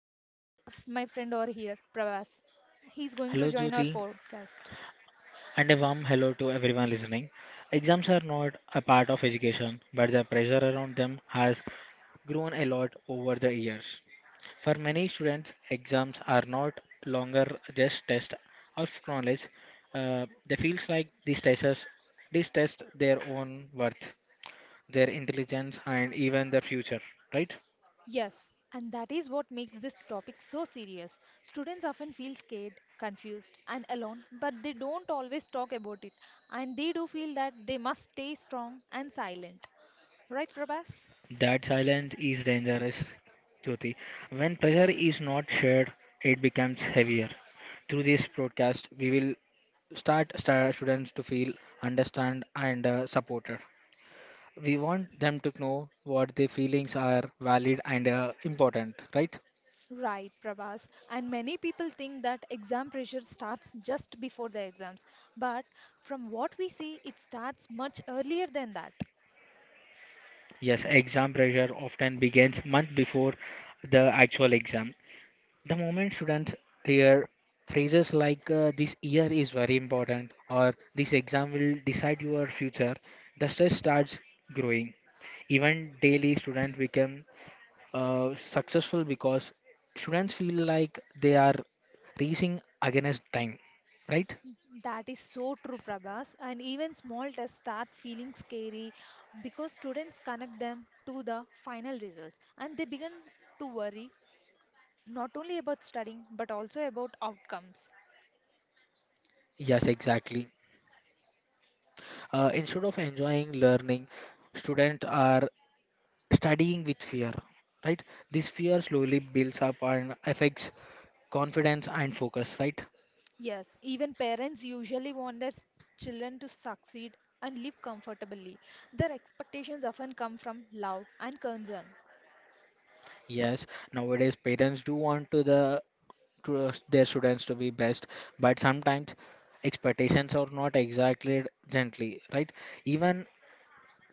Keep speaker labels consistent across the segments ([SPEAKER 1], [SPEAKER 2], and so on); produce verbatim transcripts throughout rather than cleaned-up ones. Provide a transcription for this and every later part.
[SPEAKER 1] And today
[SPEAKER 2] Hello,
[SPEAKER 1] we
[SPEAKER 2] jo-
[SPEAKER 1] have my friend over here, Pravas. He's going
[SPEAKER 2] hello
[SPEAKER 1] to join our
[SPEAKER 2] Jyoti,
[SPEAKER 1] podcast.
[SPEAKER 2] and a warm hello to everyone listening. Exams are not a part of education, but the pressure around them has grown a lot over the years. For many students, exams are not longer just tests of knowledge. Uh, they feels like these tests, these tests their own worth, their intelligence, and even their future. Right?
[SPEAKER 1] Yes, and that is what makes this topic so serious. Students often feel scared, confused, and alone, but they don't always talk about it, and they do feel that they must stay strong and silent. Right, Prabhas?
[SPEAKER 2] That silence is dangerous, Jyoti. When pressure is not shared, it becomes heavier. Through this broadcast, we will start star students to feel understand and uh, supported. We want them to know what their feelings are valid and uh, important, right?
[SPEAKER 1] Right, Prabhas. And many people think that exam pressure starts just before the exams, but from what we see, it starts much earlier than that.
[SPEAKER 2] Yes, exam pressure often begins month before the actual exam. The moment students hear phrases like uh, this year is very important or this exam will decide your future, the stress starts growing. Even daily students become uh, successful because students feel like they are racing against time, right?
[SPEAKER 1] That is so true, Prabhas. And even small tests start feeling scary because students connect them to the final results and they begin to worry not only about studying but also about outcomes.
[SPEAKER 2] Yes, exactly. Uh, instead of enjoying learning, students are studying with fear, right? This fear slowly builds up and affects confidence and focus, right?
[SPEAKER 1] Yes, even parents usually want their s- children to succeed and live comfortably. Their expectations often come from love and concern.
[SPEAKER 2] Yes, nowadays parents do want to the to us- their students to be best, but sometimes expectations are not exactly gently, right? Even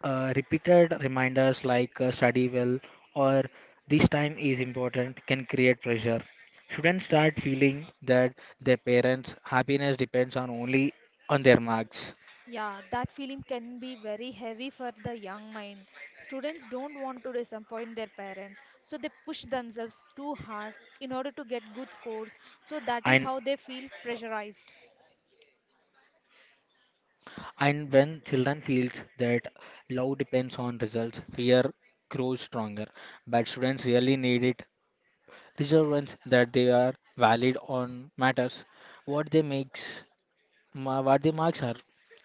[SPEAKER 2] uh, repeated reminders like uh, study well or this time is important can create pressure. Students start feeling that their parents' happiness depends on only on their marks,
[SPEAKER 1] Yeah, that feeling can be very heavy for the young mind. Students don't want to disappoint their parents, so they push themselves too hard in order to get good scores. So that is
[SPEAKER 2] and
[SPEAKER 1] how they feel pressurized.
[SPEAKER 2] And when children feels that love depends on results, fear grows stronger. But students really need it. Reassurance that they are valid on matters. What they makes, ma- what the marks are,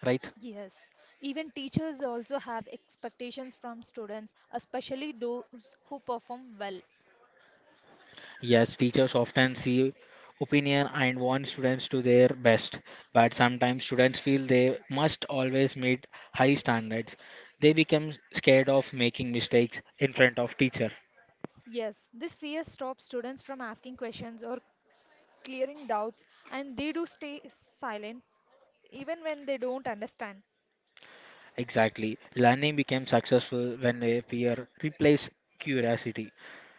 [SPEAKER 2] right?
[SPEAKER 1] Yes, even teachers also have expectations from students, especially those who perform well.
[SPEAKER 2] Yes, teachers often see opinion and want students to their best. But sometimes students feel they must always meet high standards. They become scared of making mistakes in front of teacher.
[SPEAKER 1] Yes, this fear stops students from asking questions or clearing doubts, and they do stay silent even when they don't understand.
[SPEAKER 2] Exactly. Learning becomes successful when a fear replaces curiosity.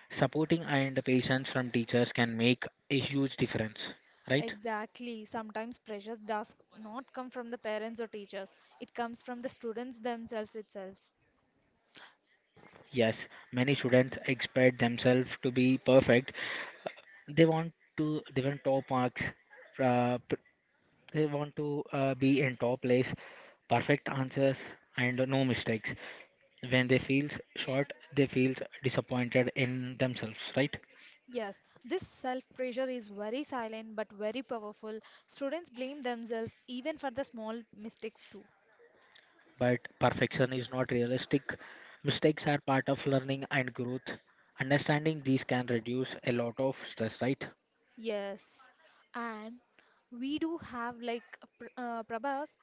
[SPEAKER 2] Supporting and patience from teachers can make a huge difference, right?
[SPEAKER 1] Exactly. Sometimes pressure does not come from the parents or teachers. It comes from the students themselves itself.
[SPEAKER 2] Yes, many students expect themselves to be perfect. They want to they want top marks. Uh, p- they want to uh, be in top place, perfect answers and no mistakes. When they feel short, they feel disappointed in themselves, right?
[SPEAKER 1] Yes, this self-pressure is very silent but very powerful. Students blame themselves even for the small mistakes too.
[SPEAKER 2] But perfection is not realistic. Mistakes are part of learning and growth. Understanding these can reduce a lot of stress, right?
[SPEAKER 1] Yes, and we do have like uh, pr- uh, Prabhas.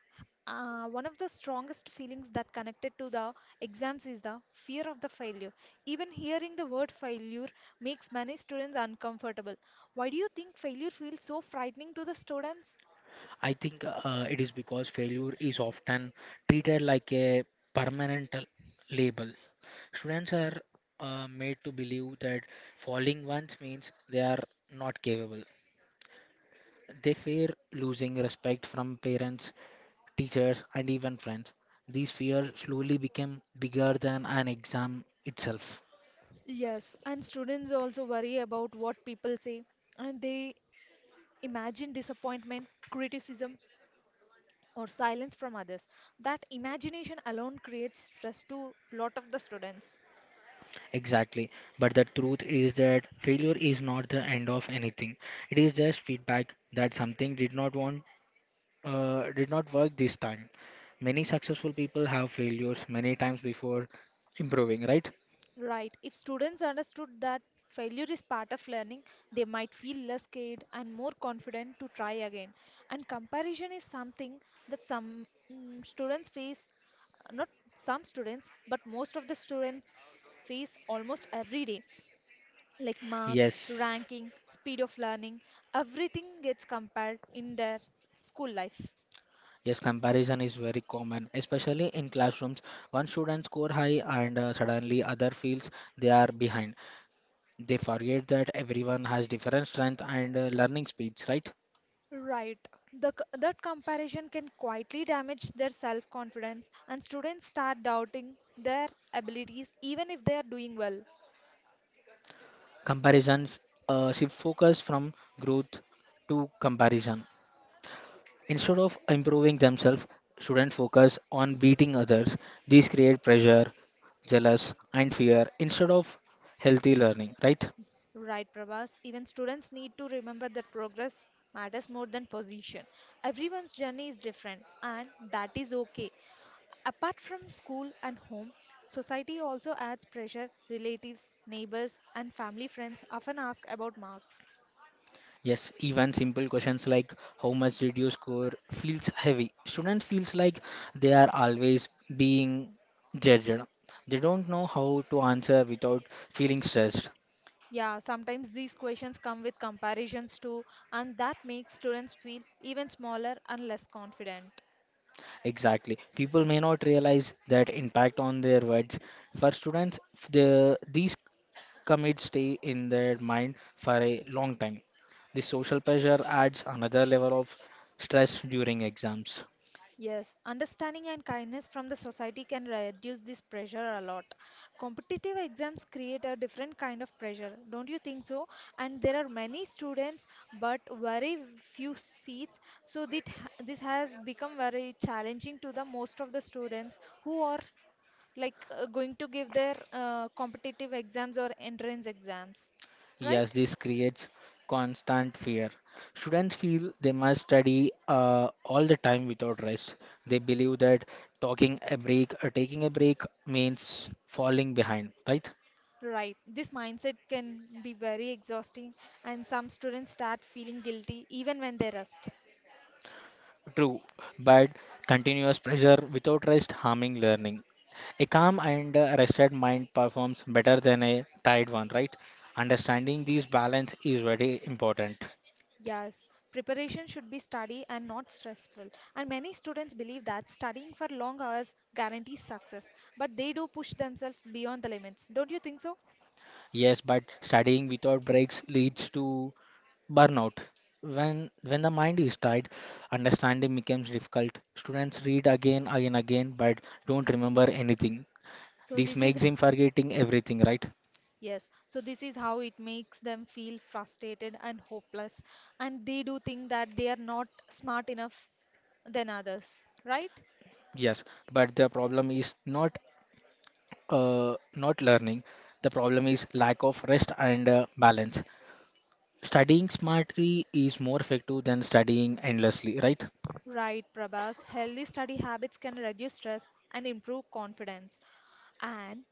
[SPEAKER 1] Uh, one of the strongest feelings that connected to the exams is the fear of the failure. Even hearing the word failure makes many students uncomfortable. Why do you think failure feels so frightening to the students?
[SPEAKER 2] I think uh, it is because failure is often treated like a permanent l- label. Students are uh, made to believe that falling once means they are not capable. They fear losing respect from parents, teachers, and even friends. These fears slowly become bigger than an exam itself.
[SPEAKER 1] Yes, and students also worry about what people say, and they imagine disappointment, criticism, or silence from others. That imagination alone creates stress to lot of the students.
[SPEAKER 2] Exactly. But the truth is that failure is not the end of anything. It is just feedback that something did not want uh, did not work this time. Many successful people have failures many times before improving, right?
[SPEAKER 1] Right, if students understood that failure is part of learning, they might feel less scared and more confident to try again. And comparison is something that some mm, students face, uh, not some students but most of the students face almost every day, like marks,
[SPEAKER 2] Yes.
[SPEAKER 1] ranking, speed of learning. Everything gets compared in their school life.
[SPEAKER 2] Yes, comparison is very common, especially in classrooms. One student score high and uh, suddenly other feels they are behind. They forget that everyone has different strength and uh, learning speeds, right?
[SPEAKER 1] Right. The, c- that comparison can quietly damage their self-confidence, and students start doubting their abilities even if they are doing well.
[SPEAKER 2] Comparisons uh, shift focus from growth to comparison. Instead of improving themselves, students focus on beating others. These create pressure, jealous, and fear instead of healthy learning, right?
[SPEAKER 1] Right, Prabhas. Even students need to remember that progress matters more than position. Everyone's journey is different, and that is okay. Apart from school and home, society also adds pressure. Relatives, neighbors, and family friends often ask about marks.
[SPEAKER 2] Yes, even simple questions like how much did you score feels heavy. Students feels like they are always being judged. They don't know how to answer without feeling stressed.
[SPEAKER 1] Yeah, sometimes these questions come with comparisons too, and that makes students feel even smaller and less confident.
[SPEAKER 2] Exactly. People may not realize that impact on their words. For students, f- the, these commits stay in their mind for a long time. The social pressure adds another level of stress during exams.
[SPEAKER 1] Yes, understanding and kindness from the society can reduce this pressure a lot. Competitive exams create a different kind of pressure, don't you think so? And there are many students, but very few seats. So that ha- this has become very challenging to the most of the students who are like uh, going to give their uh, competitive exams or entrance exams,
[SPEAKER 2] Yes,
[SPEAKER 1] right?
[SPEAKER 2] this creates constant fear. Students feel they must study uh, all the time without rest. They believe that talking a break, uh, taking a break means falling behind, right?
[SPEAKER 1] Right. This mindset can be very exhausting, and some students start feeling guilty even when they rest.
[SPEAKER 2] True, but continuous pressure without rest harming learning. A calm and uh, rested mind performs better than a tired one, right? Understanding this balance is very important.
[SPEAKER 1] Yes, preparation should be study and not stressful. And many students believe that studying for long hours guarantees success, but they do push themselves beyond the limits. Don't you think so?
[SPEAKER 2] Yes, but studying without breaks leads to burnout. When when the mind is tired, understanding becomes difficult. Students read again again again but don't remember anything.
[SPEAKER 1] So
[SPEAKER 2] This
[SPEAKER 1] this is
[SPEAKER 2] makes him forgetting everything, right?
[SPEAKER 1] yes, so this is how it makes them feel frustrated and hopeless, and they do think that they are not smart enough than others, right?
[SPEAKER 2] Yes, but the problem is not uh, not learning. The problem is lack of rest and uh, balance. Studying smartly is more effective than studying endlessly, right?
[SPEAKER 1] Right, Prabhas. Healthy study habits can reduce stress and improve confidence. And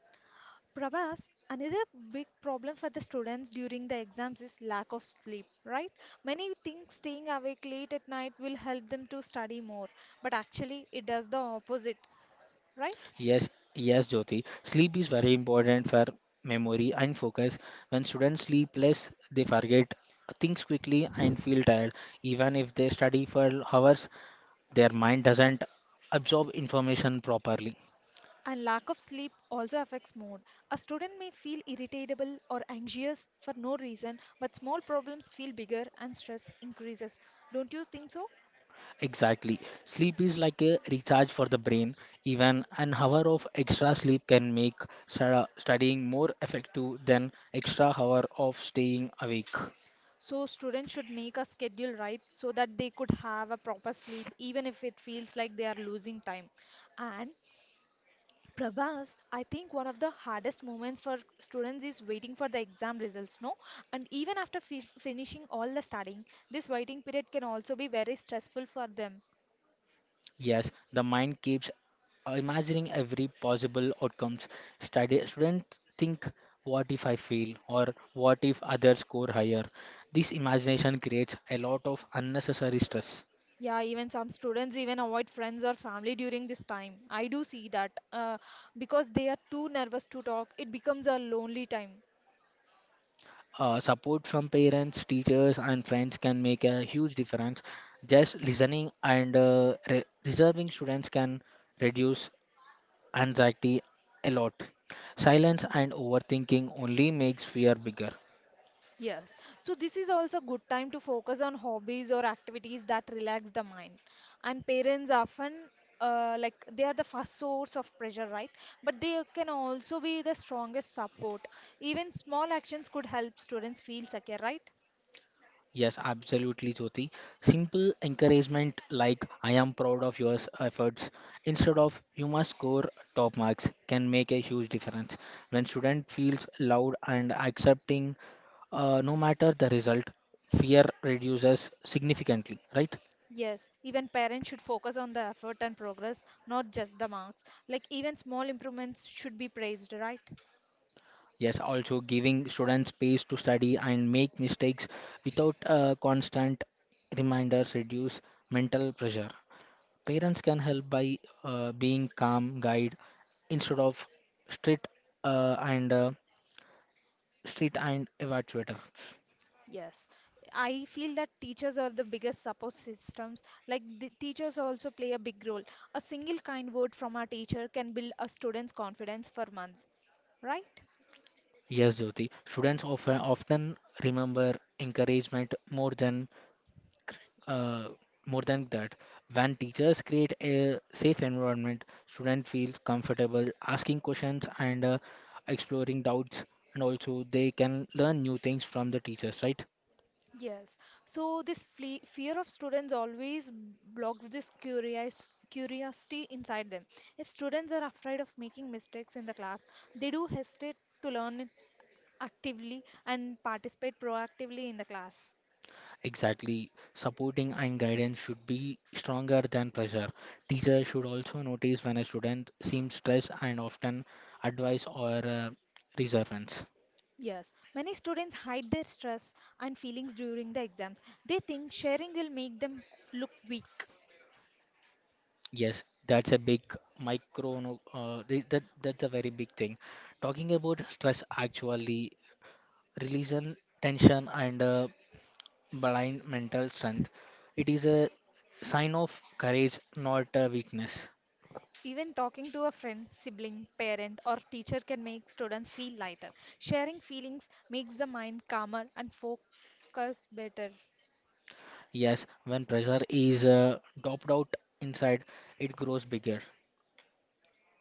[SPEAKER 1] Prabhas, another big problem for the students during the exams is lack of sleep, right? Many think staying awake late at night will help them to study more, but actually it does the opposite, right?
[SPEAKER 2] Yes, yes, Jyoti. Sleep is very important for memory and focus. When students sleep less, they forget things quickly and feel tired. Even if they study for hours, their mind doesn't absorb information properly.
[SPEAKER 1] And lack of sleep also affects mood. A student may feel irritable or anxious for no reason, but small problems feel bigger and stress increases. Don't you think so?
[SPEAKER 2] Exactly. Sleep is like a recharge for the brain. Even an hour of extra sleep can make stu- studying more effective than extra hour of staying awake.
[SPEAKER 1] So students should make a schedule right so that they could have a proper sleep even if it feels like they are losing time. And Prabhas, I think one of the hardest moments for students is waiting for the exam results, no? And even after fi- finishing all the studying, this waiting period can also be very stressful for them.
[SPEAKER 2] Yes, the mind keeps uh, imagining every possible outcomes. Study students think what if I fail or what if others score higher. This imagination creates a lot of unnecessary stress.
[SPEAKER 1] Yeah, even some students even avoid friends or family during this time. I do see that uh, because they are too nervous to talk, it becomes a lonely time.
[SPEAKER 2] Uh, support from parents, teachers, and friends can make a huge difference. Just listening and uh, re- reserving students can reduce anxiety a lot. Silence and overthinking only makes fear bigger.
[SPEAKER 1] Yes. So this is also a good time to focus on hobbies or activities that relax the mind. And parents often uh, like they are the first source of pressure, right? But they can also be the strongest support. Even small actions could help students feel secure, right?
[SPEAKER 2] Yes, absolutely, Jyoti. Simple encouragement like I am proud of your efforts instead of you must score top marks can make a huge difference. When student feels loud and accepting uh, no matter the result, fear reduces significantly, right?
[SPEAKER 1] Yes, even parents should focus on the effort and progress, not just the marks. Like even small improvements should be praised, right?
[SPEAKER 2] Yes, also giving students space to study and make mistakes without uh, constant reminders reduce mental pressure. Parents can help by uh, being calm guide instead of strict uh, and uh, strict and evaluator.
[SPEAKER 1] Yes, I feel that teachers are the biggest support systems. Like the teachers also play a big role. A single kind word from a teacher can build a student's confidence for months, right?
[SPEAKER 2] Yes, Jyoti. Students often often remember encouragement more than
[SPEAKER 1] Cor-
[SPEAKER 2] uh, more than that. When teachers create a safe environment, students feel comfortable asking questions and uh, exploring doubts, and also they can learn new things from the teachers, right?
[SPEAKER 1] Yes. So this fle fear of students always blocks this curious curiosity inside them. If students are afraid of making mistakes in the class, they do hesitate to learn actively and participate proactively in the class.
[SPEAKER 2] Exactly. Supporting and guidance should be stronger than pressure. Teachers should also notice when a student seems stressed and often advise or uh, reservance.
[SPEAKER 1] Yes, many students hide their stress and feelings during the exams. They think sharing will make them look weak.
[SPEAKER 2] Yes, that's a big micro, no- uh, th- that, that's a very big thing. Talking about stress actually releases tension and uh, blind mental strength. It is a sign of courage, not a weakness.
[SPEAKER 1] Even talking to a friend, sibling, parent, or teacher can make students feel lighter. Sharing feelings makes the mind calmer and focus better.
[SPEAKER 2] Yes, when pressure is uh, doped out inside, it grows bigger.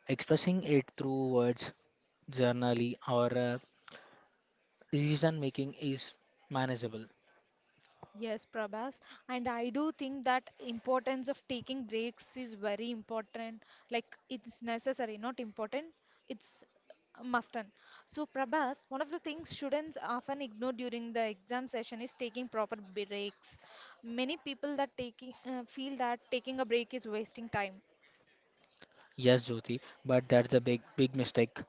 [SPEAKER 2] Expressing it through words, journaling, or uh, decision making is manageable.
[SPEAKER 1] Yes, Prabhas. And I do think that importance of taking breaks is very important. Like it's necessary, not important. It's a must and. So, Prabhas, one of the things students often ignore during the exam session is taking proper breaks. Many people that taking uh, feel that taking a break is wasting time.
[SPEAKER 2] Yes, Jyoti, but that's a big, big mistake.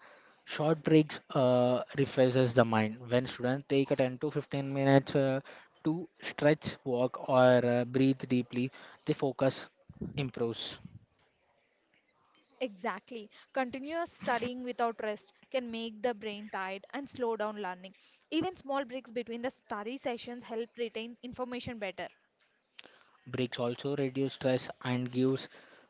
[SPEAKER 2] Short breaks uh, refreshes the mind. When students take a ten to fifteen minutes uh, to stretch, walk, or uh, breathe deeply, the focus improves.
[SPEAKER 1] Exactly. Continuous studying without rest can make the brain tired and slow down learning. Even small breaks between the study sessions help retain information better.
[SPEAKER 2] Breaks also reduce stress and gives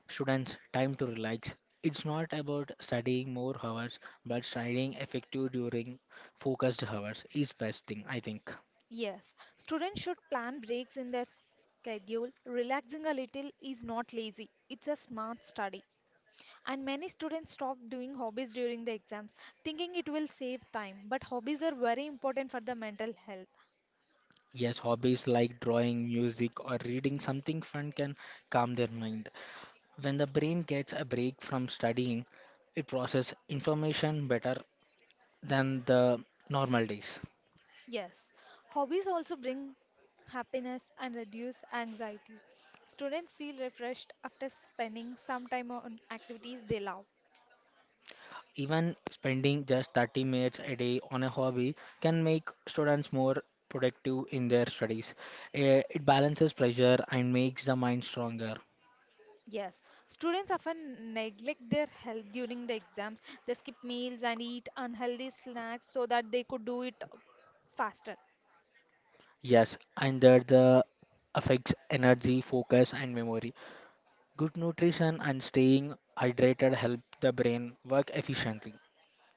[SPEAKER 2] students time to relax. It's not about studying more hours, but studying effective during focused hours is best thing, I think.
[SPEAKER 1] Yes, students should plan breaks in their schedule. Relaxing a little is not lazy, it's a smart study. And many students stop doing hobbies during the exams, thinking it will save time. But hobbies are very important for the mental health.
[SPEAKER 2] Yes, hobbies like drawing, music, or reading something fun can calm their mind. When the brain gets a break from studying, it processes information better than the normal days.
[SPEAKER 1] Yes, hobbies also bring happiness and reduce anxiety. Students feel refreshed after spending some time on activities they love.
[SPEAKER 2] Even spending just thirty minutes a day on a hobby can make students more productive in their studies. Eh, It balances pressure and makes the mind stronger.
[SPEAKER 1] Yes, students often neglect their health during the exams. They skip meals and eat unhealthy snacks so that they could do it faster.
[SPEAKER 2] Yes, and that the affects energy, focus, and memory. Good nutrition and staying hydrated help the brain work efficiently.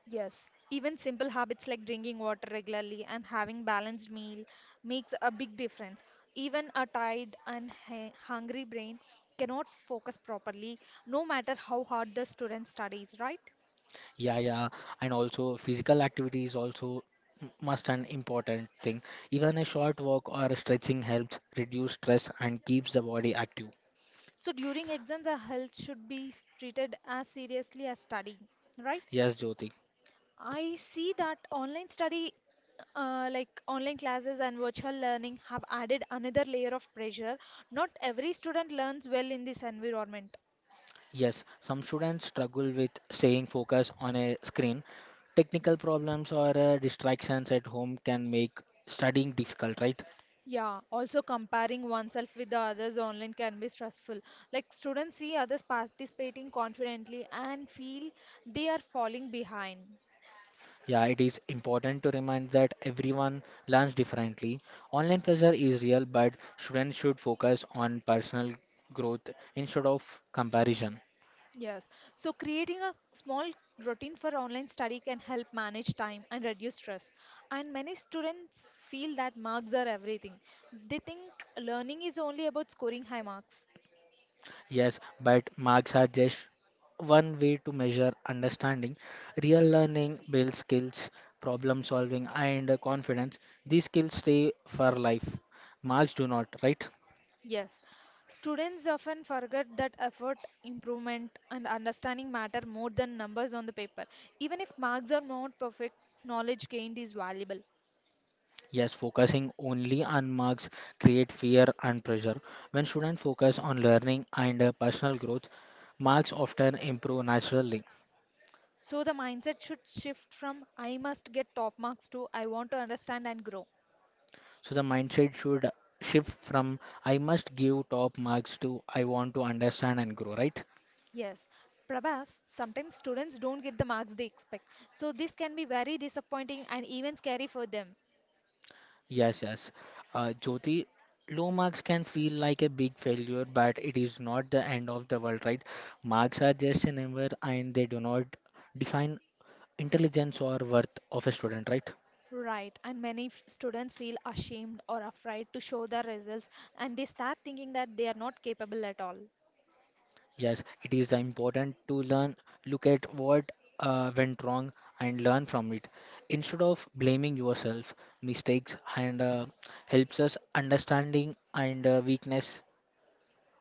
[SPEAKER 1] Yes, even simple habits like drinking water regularly and having balanced meal makes a big difference. Even a tired and hu- hungry brain cannot focus properly, no matter how hard the student studies, right?
[SPEAKER 2] Yeah, yeah, and also physical activity is also m- must an important thing. Even a short walk or stretching helps reduce stress and keeps the body active.
[SPEAKER 1] So during exams, the health should be treated as seriously as studying, right?
[SPEAKER 2] Yes, Jyoti.
[SPEAKER 1] I see that online study, uh, like online classes and virtual learning, have added another layer of pressure. Not every student learns well in this environment.
[SPEAKER 2] Yes, some students struggle with staying focused on a screen. Technical problems or uh, distractions at home can make studying difficult, right?
[SPEAKER 1] Yeah, also comparing oneself with the others online can be stressful. Like students see others participating confidently and feel they are falling behind.
[SPEAKER 2] Yeah, it is important to remind that everyone learns differently. Online pressure is real, but students should focus on personal growth instead of comparison.
[SPEAKER 1] Yes. So creating a small routine for online study can help manage time and reduce stress. And many students feel that marks are everything. They think learning is only about scoring high marks.
[SPEAKER 2] Yes, but marks are just one way to measure understanding. Real learning builds skills, problem solving, and confidence. These skills stay for life. Marks do not, right?
[SPEAKER 1] Yes. Students often forget that effort, improvement, and understanding matter more than numbers on the paper. Even if marks are not perfect, knowledge gained is valuable.
[SPEAKER 2] Yes, focusing only on marks create fear and pressure. When students focus on learning and uh, personal growth, marks often improve naturally.
[SPEAKER 1] So the mindset should shift from I must get top marks to I want to understand and grow.
[SPEAKER 2] So the mindset should shift from I must give top marks to I want to understand and grow, right?
[SPEAKER 1] Yes, Prabhas, sometimes students don't get the marks they expect. So this can be very disappointing and even scary for them.
[SPEAKER 2] Yes, yes. Uh, Jyoti, low marks can feel like a big failure, but it is not the end of the world, right? Marks are just a number and they do not define intelligence or worth of a student, right?
[SPEAKER 1] Right, and many f- students feel ashamed or afraid to show their results and they start thinking that they are not capable at all.
[SPEAKER 2] Yes, it is important to learn, look at what uh, went wrong and learn from it. Instead of blaming yourself, mistakes and uh, helps us understanding and uh, weakness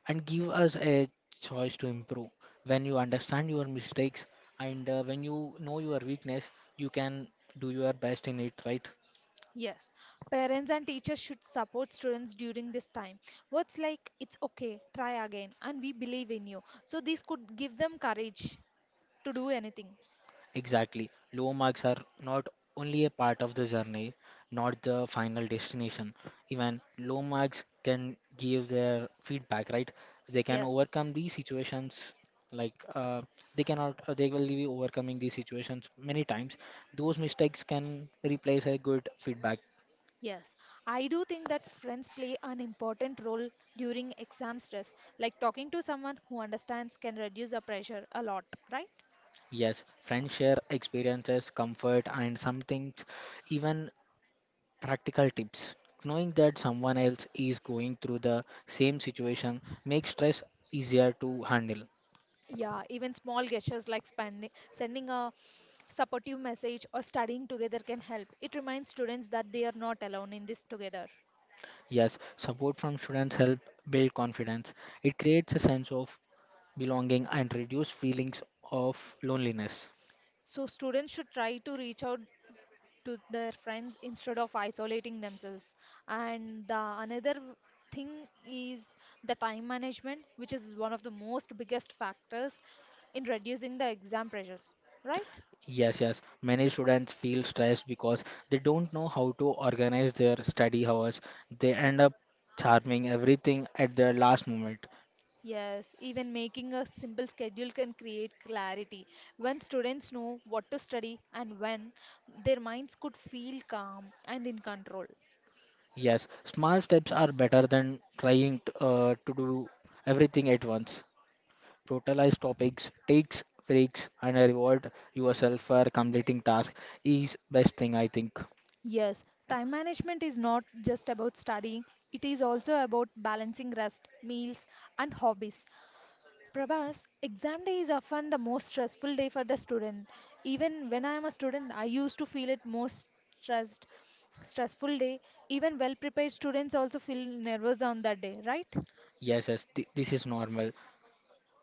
[SPEAKER 2] and give us a choice to improve. When you understand your mistakes and uh, when you know your weakness, you can do your best in it, right?
[SPEAKER 1] Yes, parents and teachers should support students during this time. Words like, it's okay, try again, and we believe in you. So this could give them courage to do anything.
[SPEAKER 2] Exactly. Low marks are not only a part of the journey, not the final destination. Even low marks can give their feedback, right? They can
[SPEAKER 1] Yes,
[SPEAKER 2] overcome these situations like uh, they cannot uh, they will be overcoming these situations many times those mistakes can replace a good feedback.
[SPEAKER 1] yes, I do think that friends play an important role during exam stress. Like talking to someone who understands can reduce the pressure a lot, right?
[SPEAKER 2] Yes, friends share experiences, comfort, and sometimes even practical tips. Knowing that someone else is going through the same situation makes stress easier to handle.
[SPEAKER 1] Yeah, even small gestures like spending, sending a supportive message or studying together can help. It reminds students that they are not alone in this together.
[SPEAKER 2] Yes, support from students help build confidence. It creates a sense of belonging and reduce feelings of loneliness.
[SPEAKER 1] So students should try to reach out to their friends instead of isolating themselves and the another thing is the time management, which is one of the most biggest factors in reducing the exam pressures, right?
[SPEAKER 2] Yes, yes. Many students feel stressed because they don't know how to organize their study hours. They end up charming everything at the last moment.
[SPEAKER 1] Yes, even making a simple schedule can create clarity. When students know what to study and when, their minds could feel calm and in control.
[SPEAKER 2] Yes, small steps are better than trying t- uh, to do everything at once. Prioritize topics, takes breaks, and reward yourself for completing tasks is best thing I think.
[SPEAKER 1] Yes, time management is not just about studying, it is also about balancing rest, meals, and hobbies. Prabhas, exam day is often the most stressful day for the student. Even when I am a student, I used to feel it most stressed, stressful day. Even well-prepared students also feel nervous on that day, right?
[SPEAKER 2] Yes, yes, th- this is normal.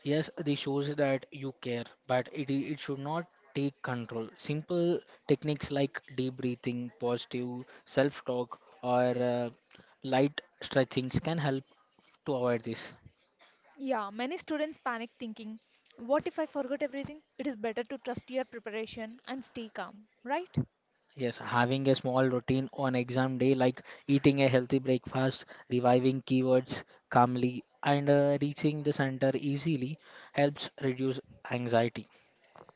[SPEAKER 2] Yes, this shows that you care, but it i- it should not take control. Simple techniques like deep breathing, positive self-talk, or uh, light stretchings can help to avoid this.
[SPEAKER 1] Yeah, many students panic thinking, what if I forget everything? It is better to trust your preparation and stay calm, right?
[SPEAKER 2] Yes, having a small routine on exam day, like eating a healthy breakfast, reviving keywords calmly, and uh, reaching the center easily, helps reduce anxiety.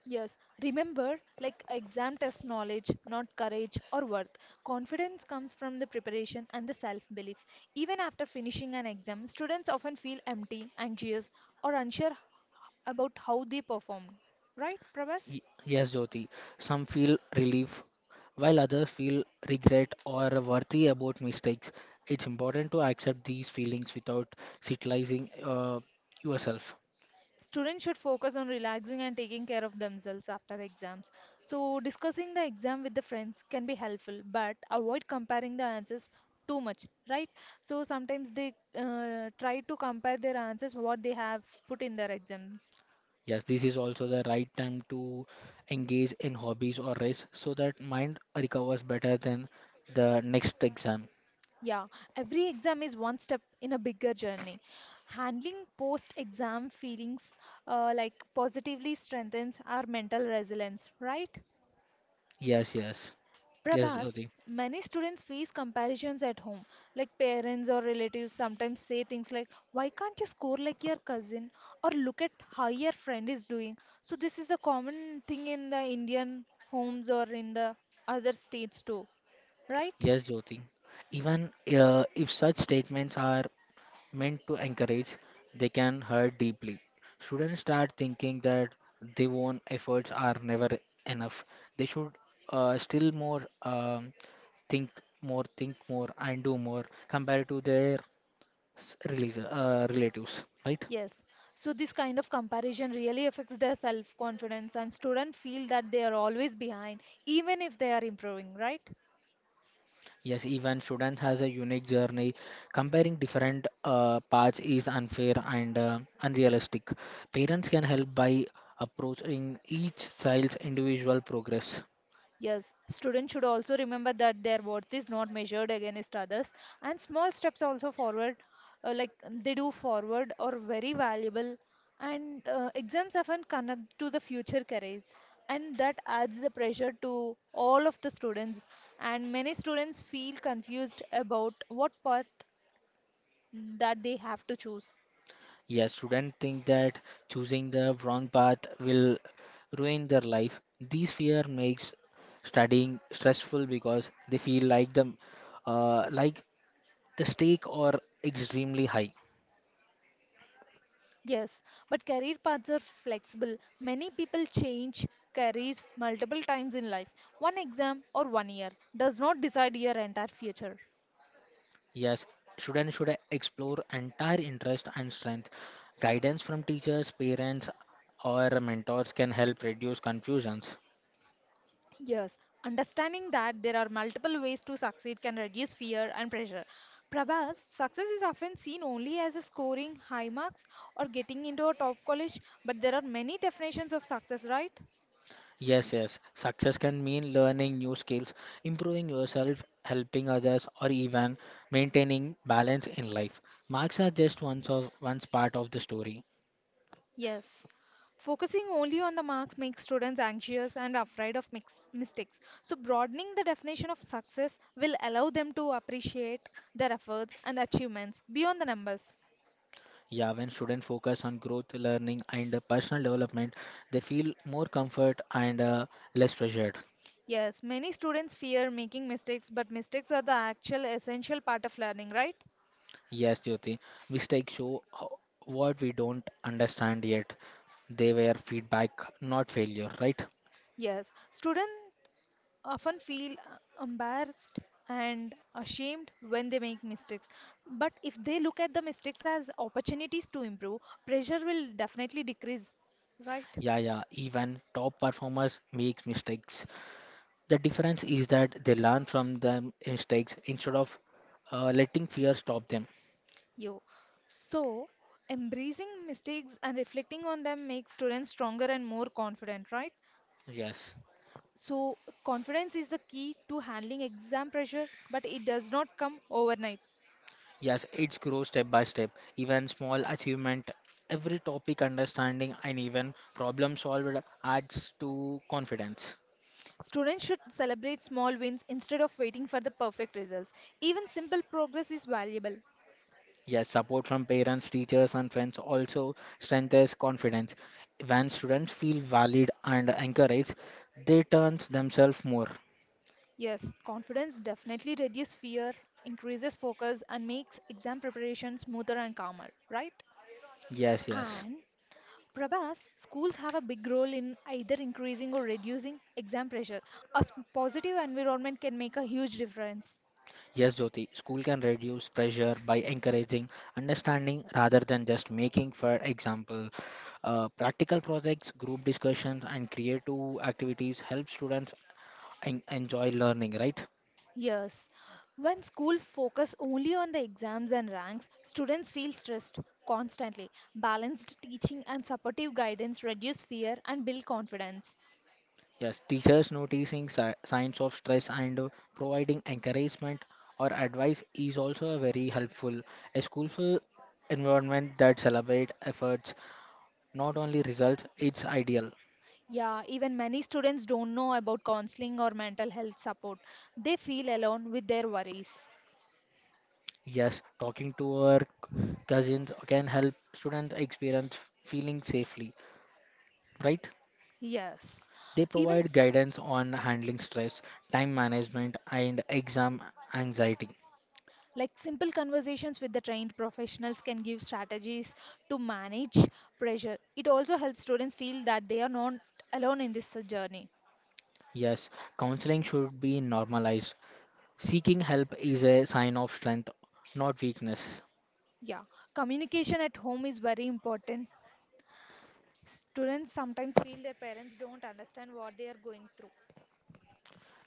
[SPEAKER 1] Yes, remember, like exam test knowledge, not courage or worth. Confidence comes from the preparation and the self belief. Even after finishing an exam, students often feel empty, anxious, or unsure about how they performed. Right, Prabhas?
[SPEAKER 2] Y- yes, Jyoti, some feel relief, while others feel regret or worthy about mistakes. It's important to accept these feelings without satirizing uh, yourself.
[SPEAKER 1] Students should focus on relaxing and taking care of themselves after exams. So, discussing the exam with the friends can be helpful, but avoid comparing the answers too much, right? So, sometimes they uh, try to compare their answers what they have put in their exams.
[SPEAKER 2] Yes, this is also the right time to engage in hobbies or rest so that mind recovers better than the next exam.
[SPEAKER 1] Yeah, every exam is one step in a bigger journey. Handling post exam feelings, uh, like, positively strengthens our mental resilience, right?
[SPEAKER 2] Yes, yes. Yes,
[SPEAKER 1] Prabhas,
[SPEAKER 2] Jyoti.
[SPEAKER 1] many students face comparisons at home. Like parents or relatives sometimes say things like, why can't you score like your cousin? Or look at how your friend is doing. So, this is a common thing in the Indian homes or in the other states too, right?
[SPEAKER 2] Yes, Jyoti. Even uh, if such statements are meant to encourage, they can hurt deeply. Students start thinking that their own efforts are never enough. They should uh, still more um, think more, think more, and do more compared to their s- relation- uh, relatives, right?
[SPEAKER 1] Yes. So, this kind of comparison really affects their self confidence, and students feel that they are always behind, even if they are improving, right?
[SPEAKER 2] Yes, even students has a unique journey. Comparing different uh, paths is unfair and uh, unrealistic. Parents can help by approaching each child's individual progress.
[SPEAKER 1] Yes, students should also remember that their worth is not measured against others, and small steps also forward, uh, like they do forward, are very valuable. And uh, exams often connect to the future careers, and that adds the pressure to all of the students. And many students feel confused about what path that they have to choose.
[SPEAKER 2] Yes, students think that choosing the wrong path will ruin their life. This fear makes studying stressful because they feel like the uh, like the stake are extremely high.
[SPEAKER 1] Yes, but career paths are flexible. Many people change careers multiple times in life. One exam or one year does not decide your entire future.
[SPEAKER 2] Yes, students should explore entire interest and strength. Guidance from teachers, parents, or mentors can help reduce confusions.
[SPEAKER 1] Yes, understanding that there are multiple ways to succeed can reduce fear and pressure. Prabhas, success is often seen only as a scoring high marks or getting into a top college, but there are many definitions of success, right?
[SPEAKER 2] Yes, yes. Success can mean learning new skills, improving yourself, helping others, or even maintaining balance in life. Marks are just one of one part of the story.
[SPEAKER 1] Yes. Focusing only on the marks makes students anxious and afraid of mix mistakes. So, broadening the definition of success will allow them to appreciate their efforts and achievements beyond the numbers.
[SPEAKER 2] Yeah, when students focus on growth, learning, and uh, personal development, they feel more comfort and uh, less pressured.
[SPEAKER 1] Yes, many students fear making mistakes, but mistakes are the actual essential part of learning, right?
[SPEAKER 2] Yes, Jyoti. Mistakes show ho- what we don't understand yet. They were feedback, not failure, right?
[SPEAKER 1] Yes, students often feel uh, embarrassed and ashamed when they make mistakes, but if they look at the mistakes as opportunities to improve, pressure will definitely decrease, right?
[SPEAKER 2] Yeah, yeah. Even top performers make mistakes. The difference is that they learn from their mistakes instead of uh, letting fear stop them.
[SPEAKER 1] you So, embracing mistakes and reflecting on them makes students stronger and more confident, right?
[SPEAKER 2] Yes,
[SPEAKER 1] So, confidence is the key to handling exam pressure, but it does not come overnight.
[SPEAKER 2] yes. It grows step by step. Even small achievement, every topic understanding, and even problem solved adds to confidence.
[SPEAKER 1] Students should celebrate small wins instead of waiting for the perfect results. Even simple progress is valuable.
[SPEAKER 2] Yes, support from parents, teachers, and friends also strengthens confidence. When students feel valid and encouraged, they turn themselves more.
[SPEAKER 1] Yes, confidence definitely reduces fear, increases focus, and makes exam preparation smoother and calmer, right?
[SPEAKER 2] Yes, yes.
[SPEAKER 1] And Prabhas, schools have a big role in either increasing or reducing exam pressure. A s- positive environment can make a huge difference.
[SPEAKER 2] Yes, Jyoti, school can reduce pressure by encouraging understanding rather than just making, for example. Uh, practical projects, group discussions, and creative activities help students en- enjoy learning, right?
[SPEAKER 1] Yes, when school focus only on the exams and ranks, students feel stressed constantly. Balanced teaching and supportive guidance reduce fear and build confidence.
[SPEAKER 2] Yes, teachers noticing si- signs of stress and uh, providing encouragement or advice is also very helpful. A schoolful environment that celebrates efforts, not only results, it's ideal.
[SPEAKER 1] Yeah, even many students don't know about counseling or mental health support. They feel alone with their worries.
[SPEAKER 2] Yes, talking to our c- cousins can help students experience feeling safely, right?
[SPEAKER 1] Yes.
[SPEAKER 2] They
[SPEAKER 1] Even
[SPEAKER 2] provide
[SPEAKER 1] s-
[SPEAKER 2] guidance on handling stress, time management, and exam anxiety.
[SPEAKER 1] like simple conversations with the trained professionals can give strategies to manage pressure. It also helps students feel that they are not alone in this uh, journey.
[SPEAKER 2] Yes, counseling should be normalized. Seeking help is a sign of strength, not weakness.
[SPEAKER 1] Yeah. Communication at home is very important. Students sometimes feel their parents don't understand what they are going through.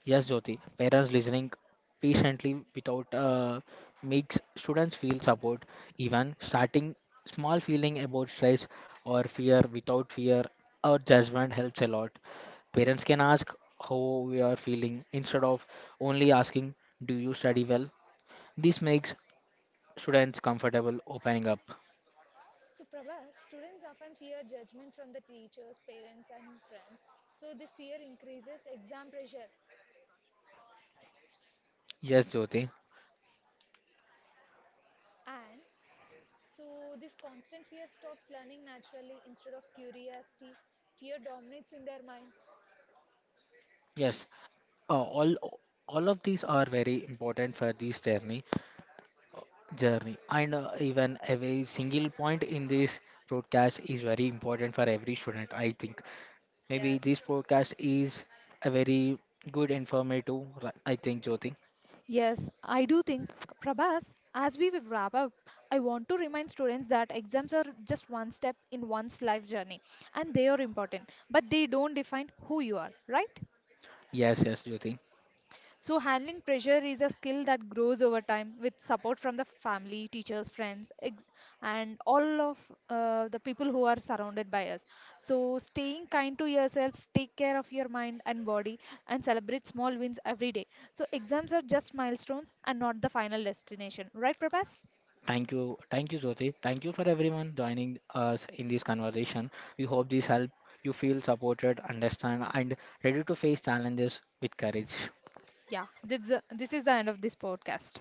[SPEAKER 2] Yes, Jyoti, parents listening patiently without uh, makes students feel support, even starting small feeling about stress or fear without fear or judgment helps a lot. Parents can ask how we are feeling instead of only asking, do you study well? This makes students comfortable opening up.
[SPEAKER 1] So, Prabha, students often fear judgment from the teachers, parents, and friends. So, this fear increases exam pressure,
[SPEAKER 2] Yes, Jyoti.
[SPEAKER 1] and so this constant fear stops learning naturally instead of curiosity. Fear dominates in their mind.
[SPEAKER 2] Yes, Uh, all all of these are very important for this journey journey and uh, even every single point in this broadcast is very important for every student, I think. Maybe this
[SPEAKER 1] Yes.
[SPEAKER 2] podcast is a very good informative ri- I think, Jyoti.
[SPEAKER 1] Yes, I do think, Prabhas, as we will wrap up, I want to remind students that exams are just one step in one's life journey, and they are important, but they don't define who you are, right?
[SPEAKER 2] Yes, yes, Jyoti.
[SPEAKER 1] So, handling pressure is a skill that grows over time with support from the family, teachers, friends, ex- and all of uh, the people who are surrounded by us. So, staying kind to yourself, take care of your mind and body, and celebrate small wins every day. So, exams are just milestones and not the final destination. Right, Prabhas?
[SPEAKER 2] Thank you, thank you, Jyoti, thank you for everyone joining us in this conversation. We hope this help you feel supported, understand, and ready to face challenges with courage.
[SPEAKER 1] Yeah, this, this is the end of this podcast.